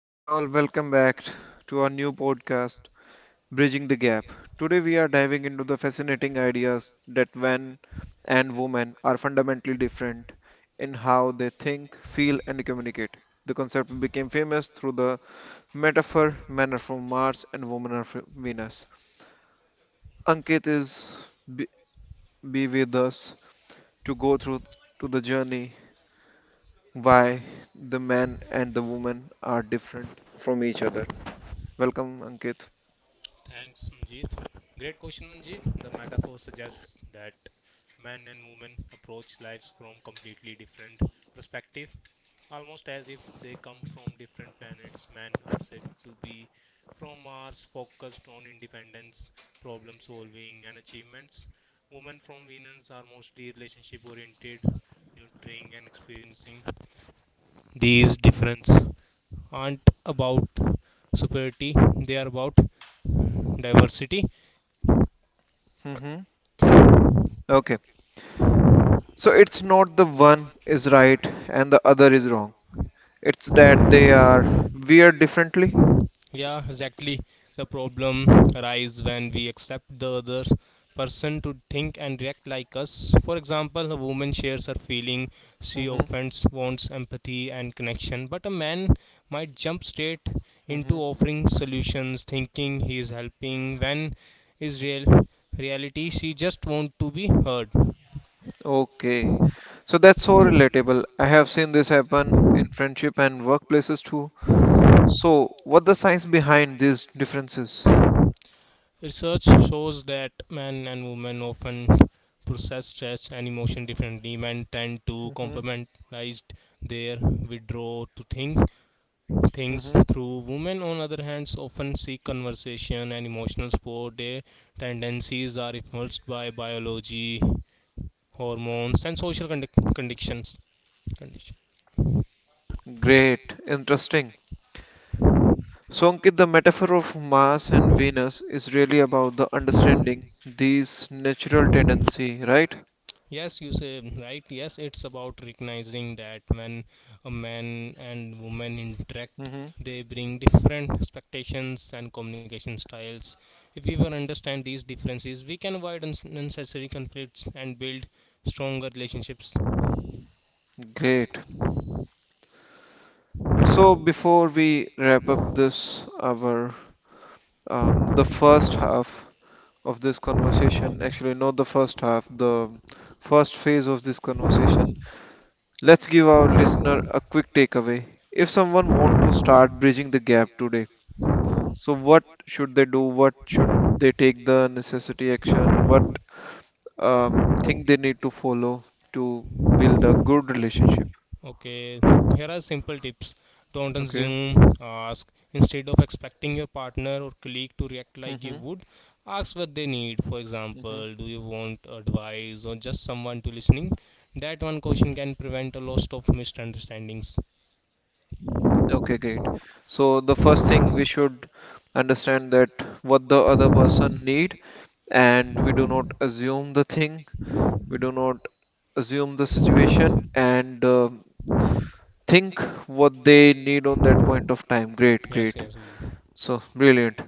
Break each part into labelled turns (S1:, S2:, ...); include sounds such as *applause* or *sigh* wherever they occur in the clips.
S1: Hi, all, welcome back to our new podcast, Bridging the Gap. Today, we are diving into the fascinating ideas that men and women are fundamentally different in how they think, feel, and communicate. The concept became famous through the metaphor men are from Mars and women are from Venus. Ankit is be, be with us to go through to the journey why the man and the woman are different from each other. Welcome, Ankit.
S2: Thanks, Manjeet. Great question, Manjeet. The metaphor suggests that men and women approach lives from completely different perspective, almost as if they come from different planets. Men are said to be from Mars, focused on independence, problem solving, and achievements. Women from Venus are mostly relationship oriented, nurturing, and experiencing. These differences aren't about superiority; they are about diversity.
S1: Hmm. Okay, so it's not the one is right and the other is wrong. It's that they are weird differently.
S2: Yeah, exactly. The problem arises when we accept the other person to think and react like us. For example, a woman shares her feeling, she
S1: hmm
S2: offends, wants empathy and connection, but a man might jump straight into
S1: hmm.
S2: offering solutions, thinking he is helping when is reality she just want to be heard.
S1: Okay. So that's so relatable. I have seen this happen in friendship and workplaces too. So what the science behind these differences?
S2: Research shows that men and women often process stress and emotion differently. Men tend to
S1: hmm
S2: compartmentalize their withdraw to think things
S1: hmm.
S2: through. Women, on other hand, often seek conversation and emotional support. Their tendencies are influenced by biology, hormones, and social conditions. Condition.
S1: Great, interesting. So Ankit, the metaphor of Mars and Venus is really about the understanding these natural tendency, right?
S2: Yes, you say right. Yes, it's about recognizing that when a man and woman interact,
S1: Hmm.
S2: they bring different expectations and communication styles. If we will understand these differences, we can avoid unnecessary conflicts and build stronger relationships.
S1: Great. So before we wrap up this our the first half of this conversation, actually not the first half, the first phase of this conversation, let's give our listener a quick takeaway. If someone want to start bridging the gap today, so what should they do? What should they take the necessity action? What thing they need to follow to build a good relationship?
S2: Okay, here are simple tips. Don't
S1: Okay.
S2: assume, ask. Instead of expecting your partner or colleague to react like you
S1: Mm-hmm.
S2: would, ask what they need. For
S1: Mm-hmm.
S2: example, do you want advice or just someone to listening? That one question can prevent a lot of misunderstandings.
S1: Okay, great. So the first thing we should understand that what the other person need and we do not assume the thing, we do not assume the situation and, think what they need on that point of time. Great,
S2: Yes,
S1: great.
S2: yes, we.
S1: So brilliant.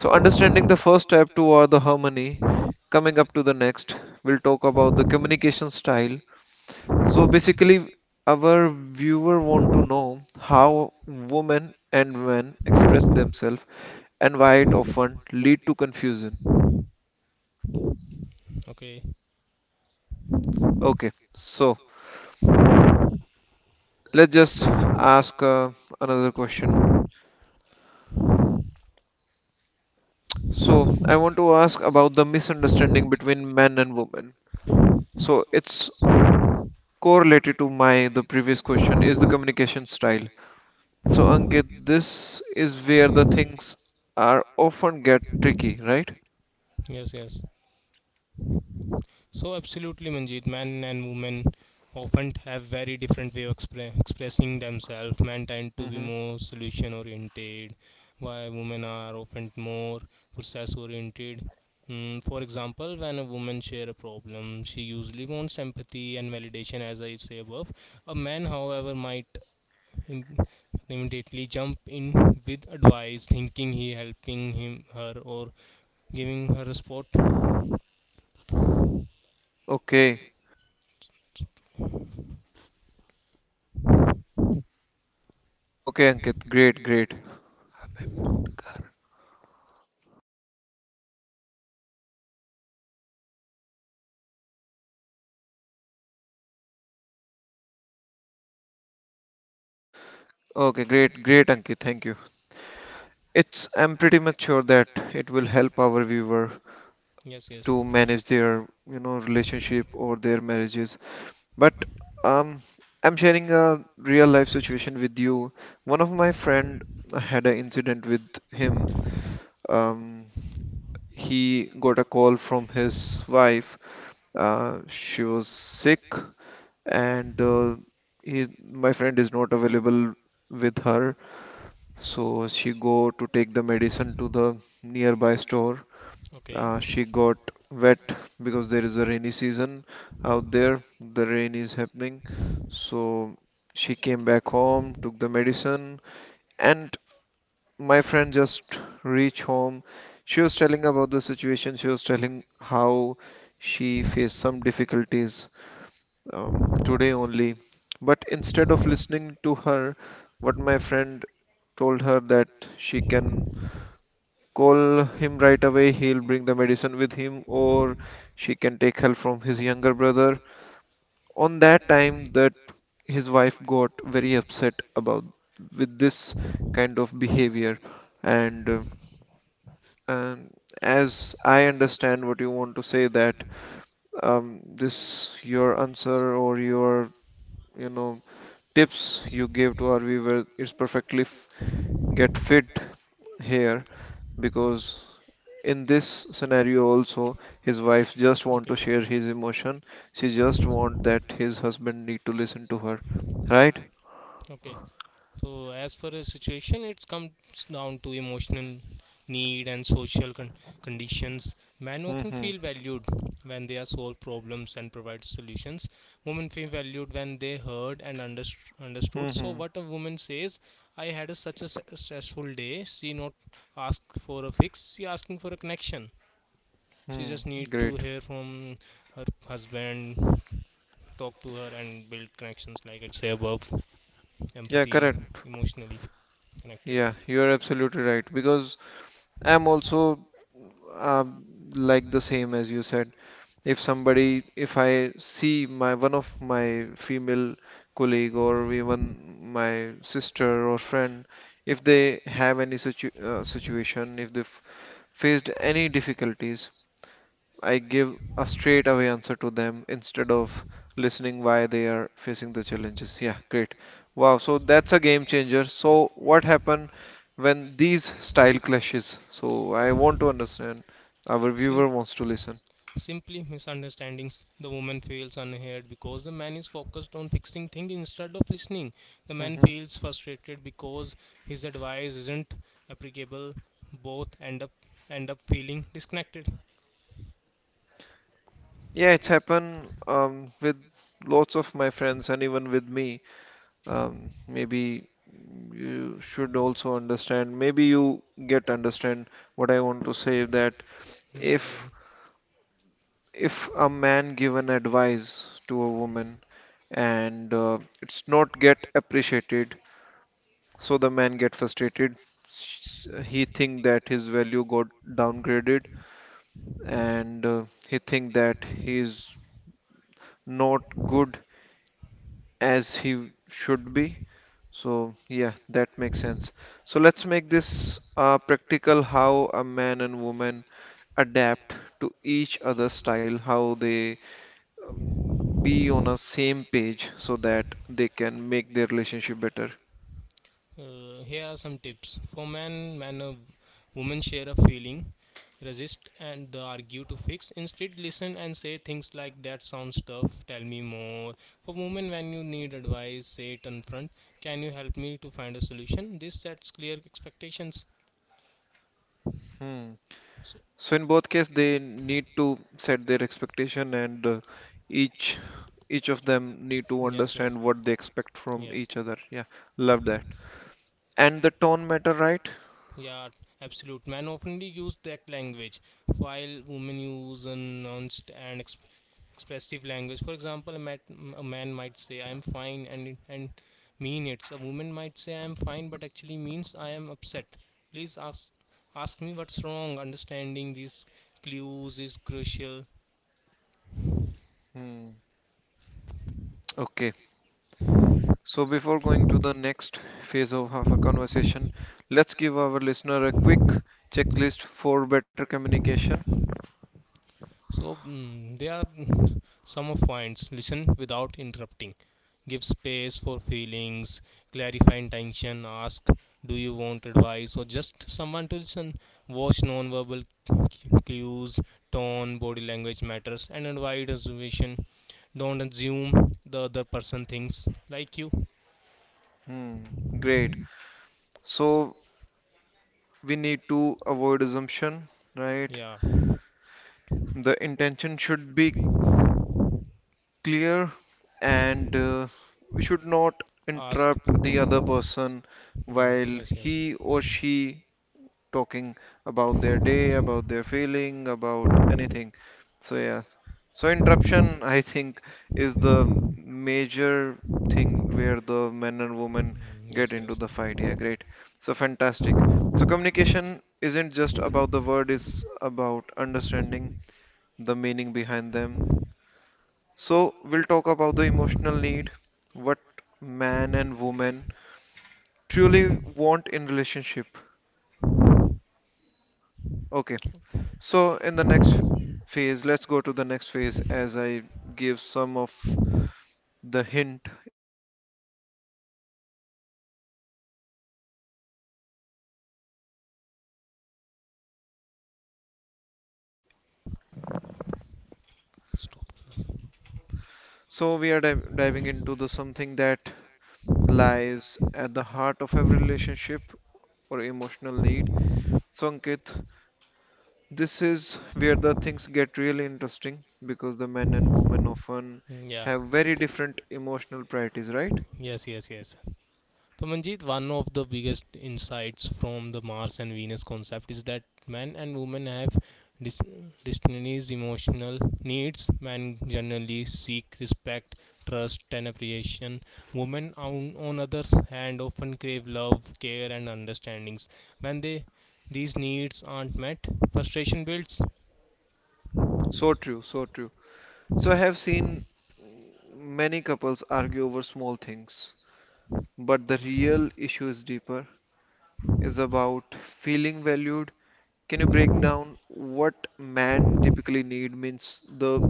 S1: So understanding the first step toward the harmony, coming up to the next, we'll talk about the communication style, so basically, our viewer want to know how women and men express themselves and why it often lead to confusion.
S2: Okay,
S1: Okay, so let's just ask another question. So I want to ask about the misunderstanding between men and women. So it's correlated to my the previous question is the communication style. So Ankit, this is where the things are often get tricky, right?
S2: yes, yes. So absolutely, Manjeet, men and women often have very different way of expressing themselves. Men tend to be
S1: Mm-hmm.
S2: more solution oriented, while women are often more process oriented. For example, when a woman share a problem, she usually wants empathy and validation, as I say above. A man, however, might im- immediately jump in with advice, thinking he helping him, her, or giving her a spot.
S1: Okay. Okay, Ankit. Great, great. Okay, great, great, Ankit. Thank you. It's I'm pretty much sure that it will help our viewer
S2: Yes, yes.
S1: to manage their, you know, relationship or their marriages. But um, I'm sharing a real life situation with you. One of my friend had an incident with him. Um, he got a call from his wife. She was sick, and he, my friend is not available with her. So she go to take the medicine to the nearby store.
S2: Okay.
S1: She got wet because there is a rainy season
S2: A.
S1: out there. The rain is happening. So she came back home, took the medicine, and my friend just reached home. She was telling about the situation. She was telling how she faced some difficulties um, today only. But instead of listening to her, what my friend told her that she can call him right away. He'll bring the medicine with him, or she can take help from his younger brother. On that time, that his wife got very upset about with this kind of behavior, and uh, and as I understand what you want to say that this your answer or your, you know, tips you gave to our viewer is perfectly get fit here because in this scenario also his wife just want
S2: Okay.
S1: to share his emotion. She just want that his husband need to listen to her, right?
S2: Okay. So as per a situation, it comes down to emotional need and social conditions. Men often
S1: Mm-hmm.
S2: feel valued when they are solve problems and provide solutions. Women feel valued when they heard and understood. So
S1: Mm-hmm.
S2: what a woman says, "I had a, such a stressful day." She not ask for a fix. She asking for a connection. She
S1: Hmm.
S2: just need to
S1: Great.
S2: hear from her husband, talk to her and build connections like I say above,
S1: Yeah,
S2: empathy, correct,
S1: correct.
S2: emotionally connected.
S1: Yeah, you are absolutely right because I'm also um, like the same as you said. If somebody, if I see my one of my female colleague or even my sister or friend, if they have any situation, if they've faced any difficulties, I give a straight away answer to them instead of listening why they are facing the challenges. Yeah, great. Wow, so that's a game changer. So what happened when these style clashes? So I want to understand, our viewer
S2: Sim-
S1: wants to listen.
S2: Simply misunderstandings. The woman feels unheard because the man is focused on fixing things instead of listening. The man
S1: Hmm.
S2: feels frustrated because his advice isn't applicable. Both end up feeling disconnected.
S1: Yeah, it's happened with lots of my friends and even with me. Maybe you should also understand. Maybe you get understand what I want to say that
S2: Yeah, I
S1: if
S2: am.
S1: if a man give an advice to a woman and it's not get appreciated, so the man get frustrated. Sh- He think that his value got downgraded and he think that he is not good as he should be. So, yeah, that makes sense. So, let's make this practical, how a man and woman adapt to each other's style, how they um, be on a same page so that they can make their relationship better.
S2: Here are some tips. For men, men a women share a feeling, resist and argue to fix. Instead, listen and say things like that sounds tough, tell me more. For women, when you need advice, say it in front. Can you help me to find a solution? This sets clear expectations.
S1: Hmm.
S2: So,
S1: So, in both cases, they need to set their expectation, and each of them need to
S2: yes, yes,
S1: understand what they expect from
S2: yes.
S1: each other. Yeah, love that. And the tone matter, right?
S2: Yeah, absolute. Men often use direct language, while women use a nuanced and expressive language. For example, a man might say, "I am fine," and mean it. A woman might say, "I am fine," but actually means, "I am upset." Please ask me what's wrong. Understanding these clues is crucial.
S1: Hmm. Okay. So, before going to the next phase of our conversation, let's give our listener a quick checklist for better communication.
S2: So there are some of points. Listen without interrupting. Give space for feelings. Clarify intention. Ask, do you want advice or just someone to listen? Watch non-verbal cu- clues. Tone, body language matters, and avoid assumption. Don't assume the other person thinks like you.
S1: Hmm, great. So, we need to avoid assumption, right?
S2: Yeah.
S1: The intention should be clear and we should not
S2: Ask.
S1: interrupt the other person
S2: Mm,
S1: while
S2: yes. Yes.
S1: he or she talking about their day, about their feeling, about anything. So yeah. So interruption, *laughs* I think, is the major thing where the men and women
S2: Mm,
S1: get
S2: yes.
S1: into
S2: Yes.
S1: the fight. Yeah, great. So fantastic. So communication isn't just about the word, it's about understanding the meaning behind them. So we'll talk about the emotional need, what man and woman truly want in relationship. Okay. So in the next phase, let's go to the next phase as I give some of the hint which
S2: Hints.
S1: we are talking about.
S2: Stop.
S1: So we are diving into the something that lies at the heart of every relationship or emotional need. So Ankit, this is where the things get really interesting because the men and women often
S2: Yeah,
S1: have very different emotional priorities, right?
S2: yes, yes, yes. So, Manjeet, one of the biggest insights from the Mars and Venus concept is that men and women have dis- destinies, emotional needs. Men generally seek respect, trust, and appreciation. Women, on others hand, often crave love, care, and understandings. When they these needs aren't met, frustration builds.
S1: So true, so true. So I have seen many couples argue over small things, but the real issue is deeper, is about feeling valued. Can you break down what man typically need means the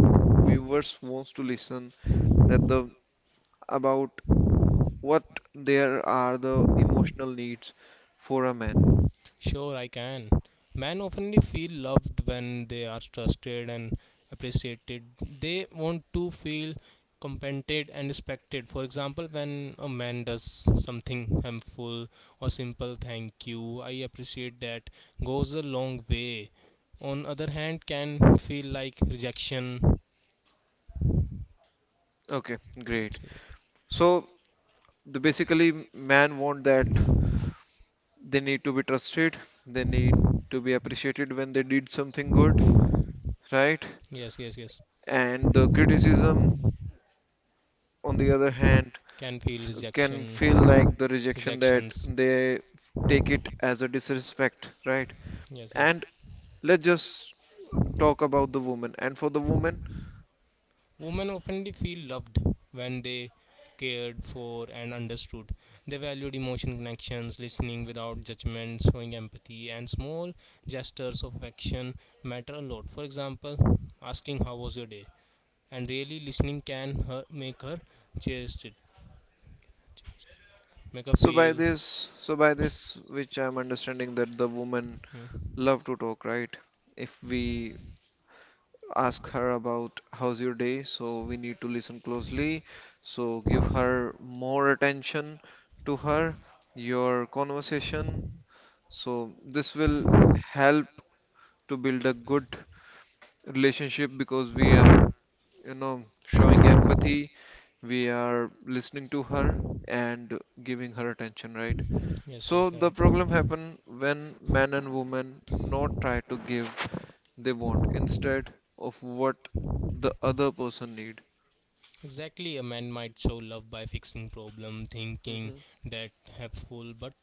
S1: viewers wants to listen that the about what there are the emotional needs for a man.
S2: Sure, I can. Men often feel loved when they are trusted and appreciated. They want to feel compensated and respected. For example, when a man does something harmful or simple thank you, I appreciate that goes a long way. On other hand, can feel like rejection.
S1: Okay, great. So the basically man want that they need to be trusted, they need to be appreciated when they did something good, right?
S2: Yes, yes, yes.
S1: And the criticism, on the other hand,
S2: Can feel
S1: can
S2: rejection,
S1: feel like the rejection that
S2: rejections.
S1: they take it as a disrespect, right?
S2: Yes, yes.
S1: And let's just talk about the woman. And for the woman,
S2: Women often feel loved when they cared for and understood. They valued emotion connections, listening without judgment, showing empathy, and small gestures of affection matter a lot. For example, asking how was your day, and really listening can make her cherish it, make her feel.
S1: so by this, which I'm understanding that the woman
S2: Hmm.
S1: love to talk, right? If we ask her about how's your day, so we need to listen closely. So give her more attention to her, your conversation. So this will help to build a good relationship because we are, you know, showing empathy, we are listening to her and giving her attention, right?
S2: Yes,
S1: So
S2: yes,
S1: the
S2: right.
S1: problem happen when man and woman not try to give they want instead of what the other person need.
S2: Exactly, a man might show love by fixing problem, thinking
S1: hmm
S2: that helpful, but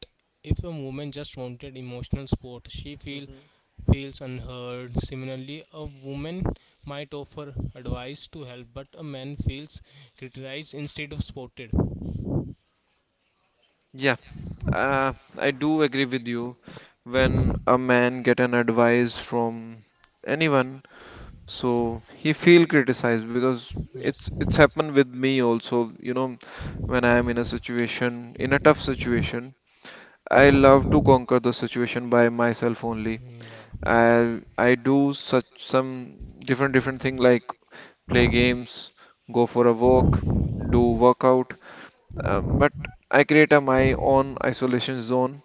S2: if a woman just wanted emotional support, she feel
S1: hmm
S2: feels unheard. Similarly, a woman might offer advice to help, but a man feels criticized instead of supported.
S1: Yeah, I do agree with you. When a man get an advice from anyone, so he feel criticized because
S2: Yes.
S1: it's happened with me also, you know, when I am in a situation, in a tough situation, I love to conquer the situation by myself only.
S2: Mm, yeah.
S1: I do such some different different thing like play games, go for a walk, do workout, but I create a, my own isolation zone,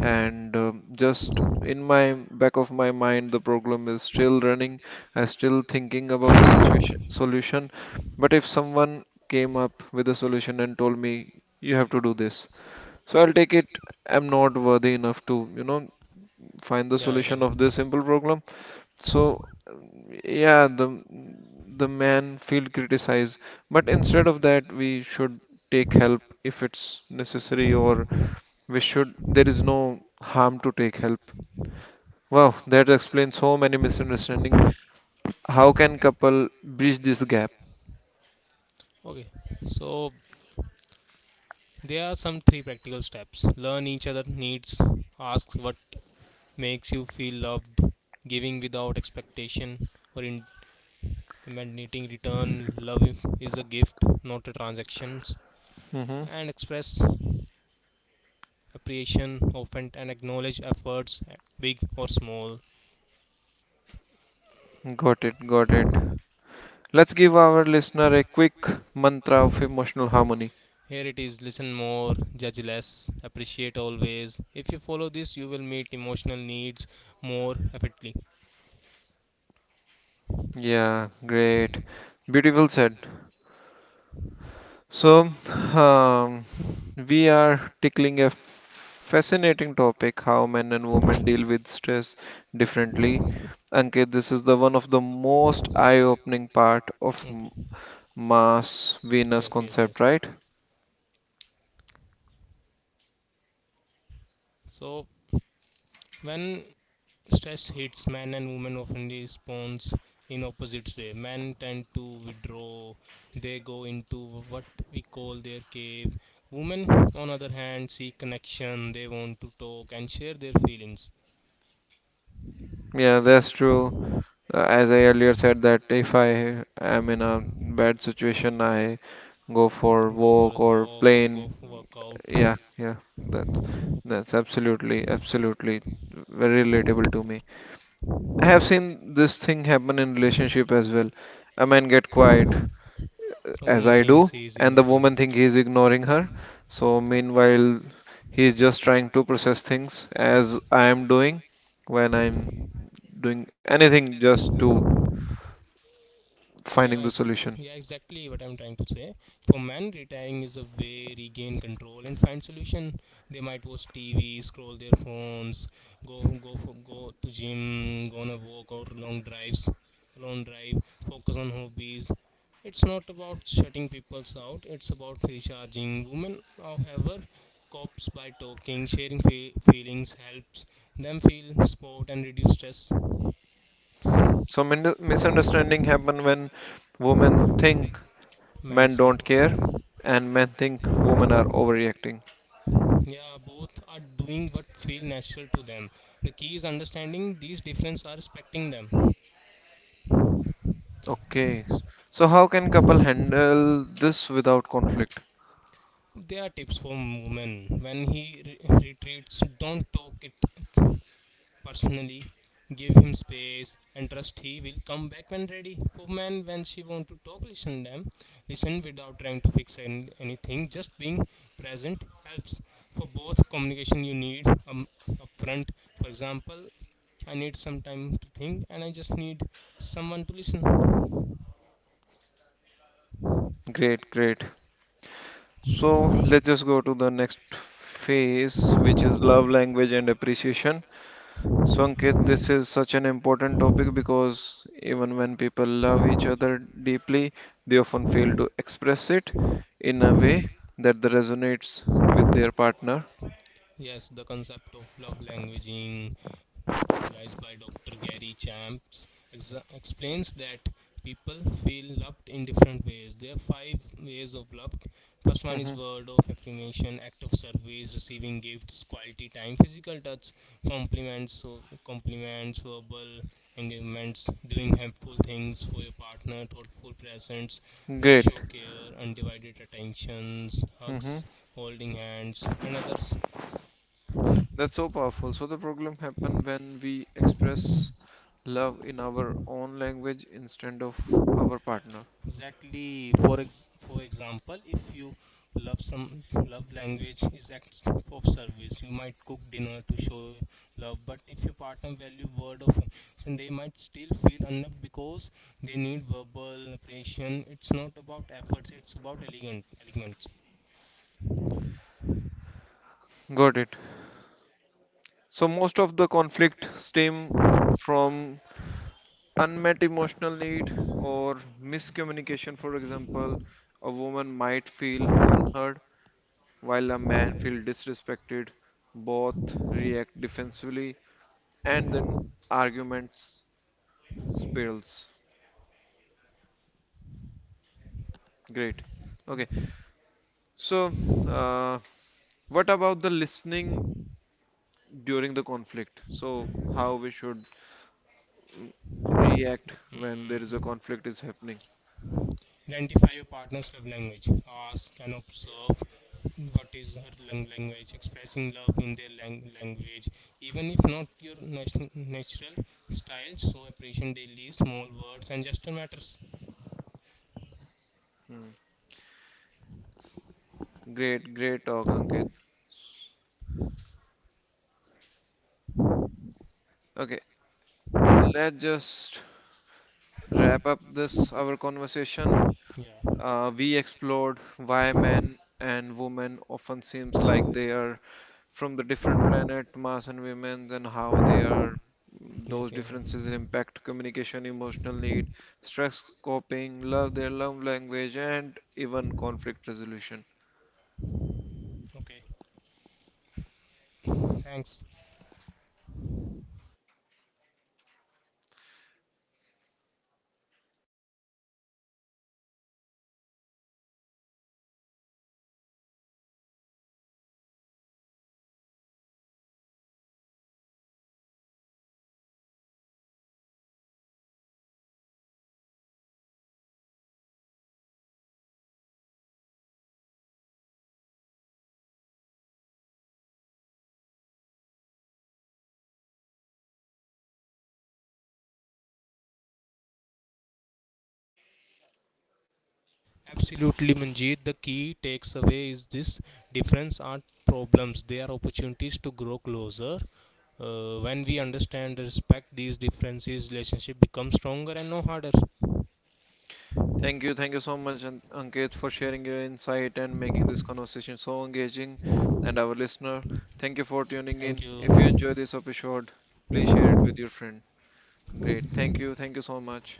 S1: and just in my back of my mind, the problem is still running. I'm still thinking about the situation solution. But if someone came up with a solution and told me you have to do this, so I'll take it. I'm not worthy enough to, you know, find the
S2: Yeah, I
S1: solution
S2: can.
S1: of this simple problem. So yeah, the man feel criticized, but instead of that, we should take help if it's necessary, or we should. There is no harm to take help. Wow, that explains so many misunderstanding. How can couple bridge this gap?
S2: Okay. So there are some three practical steps. Learn each other needs. Ask what makes you feel loved. Giving without expectation or in demanding return. Love is a gift, not a transaction.
S1: Hmm.
S2: And express appreciation often and acknowledge efforts, big or small.
S1: Got it, got it. Let's give our listener a quick mantra of emotional harmony.
S2: Here it is: listen more, judge less, appreciate always. If you follow this, you will meet emotional needs more effectively.
S1: Yeah, great. Beautiful said. So, um, we are tickling a fascinating topic how men and women deal with stress differently. Ankit, this is the one of the most eye-opening part of
S2: Okay.
S1: Mars Venus
S2: Yes, yes,
S1: concept,
S2: yes.
S1: right?
S2: So when stress hits, men and women often responds in opposite way. Men tend to withdraw; they go into what we call their cave. Women, on other hand, seek connection. They want to talk and share their feelings.
S1: Yeah, that's true. As I earlier said that if I am in a bad situation, I go for
S2: Go for
S1: walk
S2: a
S1: or
S2: walk or go
S1: plane.
S2: for workout.
S1: Yeah, yeah, that's absolutely, absolutely very relatable to me. I have seen this thing happen in relationship as well. A man get quiet
S2: A
S1: as
S2: woman
S1: I
S2: thinks
S1: do,
S2: he is
S1: and the
S2: ignoring her.
S1: woman think he is ignoring her. So meanwhile, he is just trying to process things as I am doing when I'm doing anything just to finding the
S2: Yeah,
S1: solution.
S2: yeah, exactly what I'm trying to say. For men, retiring is a way regain control and find solution. They might watch TV, scroll their phones, go to gym, go on a walk or long drives, long drive. Focus on hobbies. It's not about shutting people out. It's about recharging. Women, however, copes by talking, sharing feelings helps them feel support and reduce stress.
S1: Hmm. So misunderstanding happen when women think
S2: Men's
S1: men
S2: don't.
S1: don't care, and men think women are overreacting.
S2: Yeah, both are doing what feel natural to them. The key is understanding these differences are respecting them.
S1: Okay, so how can couple handle this without conflict?
S2: There are tips for women. When he retreats, don't talk it personally, give him space and trust he will come back when ready. For men, when she want to talk, listen them, listen without trying to fix anything. Just being present helps. For both, communication you need upfront. For example, I need some time to think, and I just need someone to listen.
S1: Great, great. So let's just go to the next phase, which is love language and appreciation. So, Ankit, this is such an important topic because even when people love each other deeply, they often fail to express it in a way that resonates with their partner.
S2: Yes, the concept of love languaging, popularized by Dr. Gary Champs, explains that people feel loved in different ways. There are five ways of love. First one
S1: Hmm.
S2: is word of affirmation, act of service, receiving gifts, quality time, physical touch, compliments, so compliments, verbal engagements, doing helpful things for your partner, thoughtful presents that show
S1: Great.
S2: care, undivided attentions,
S1: Hmm.
S2: hugs, holding hands, and others.
S1: That's so powerful. So the problem happen when we express love in our own language instead of our partner.
S2: Exactly. For for example, if you love some love language is acts of service, you might cook dinner to show love, but if your partner value word of affirmation, they might still feel unloved because they need verbal appreciation. It's not about efforts, it's about elegant elegments.
S1: Got it. So most of the conflict stem from unmet emotional need or miscommunication. For example, a woman might feel unheard while a man feels disrespected. Both react defensively and then arguments spirals. Great. Okay. So uh, what about the listening during the conflict? So how we should react when there is a
S2: Hmm.
S1: conflict is happening.
S2: Identify your partner's love language. Ask and observe what is her language, expressing love in their language, even if not your natural style. So appreciation daily, small words and gesture matters.
S1: Great, great talk, Ankit. Okay, let's just wrap up this our conversation.
S2: Yeah.
S1: We explored why men and women often seems like they are from the different planet, Mars and women, and how they are
S2: Yes.
S1: those
S2: Yes. Yes.
S1: differences impact communication, emotional need, stress coping, love, their love language, and even conflict resolution.
S2: Okay. Thanks. Absolutely, Manjeet. The key takes away is this difference aren't problems; they are opportunities to grow closer. When we understand, respect these differences, relationship becomes stronger and no harder.
S1: Thank you so much, Ankit, for sharing your insight and making this conversation so engaging. And our listener, thank you for tuning
S2: Thank
S1: in. If you
S2: you.
S1: enjoy this episode, please share it with your friend. Great. Thank you. Thank you so much.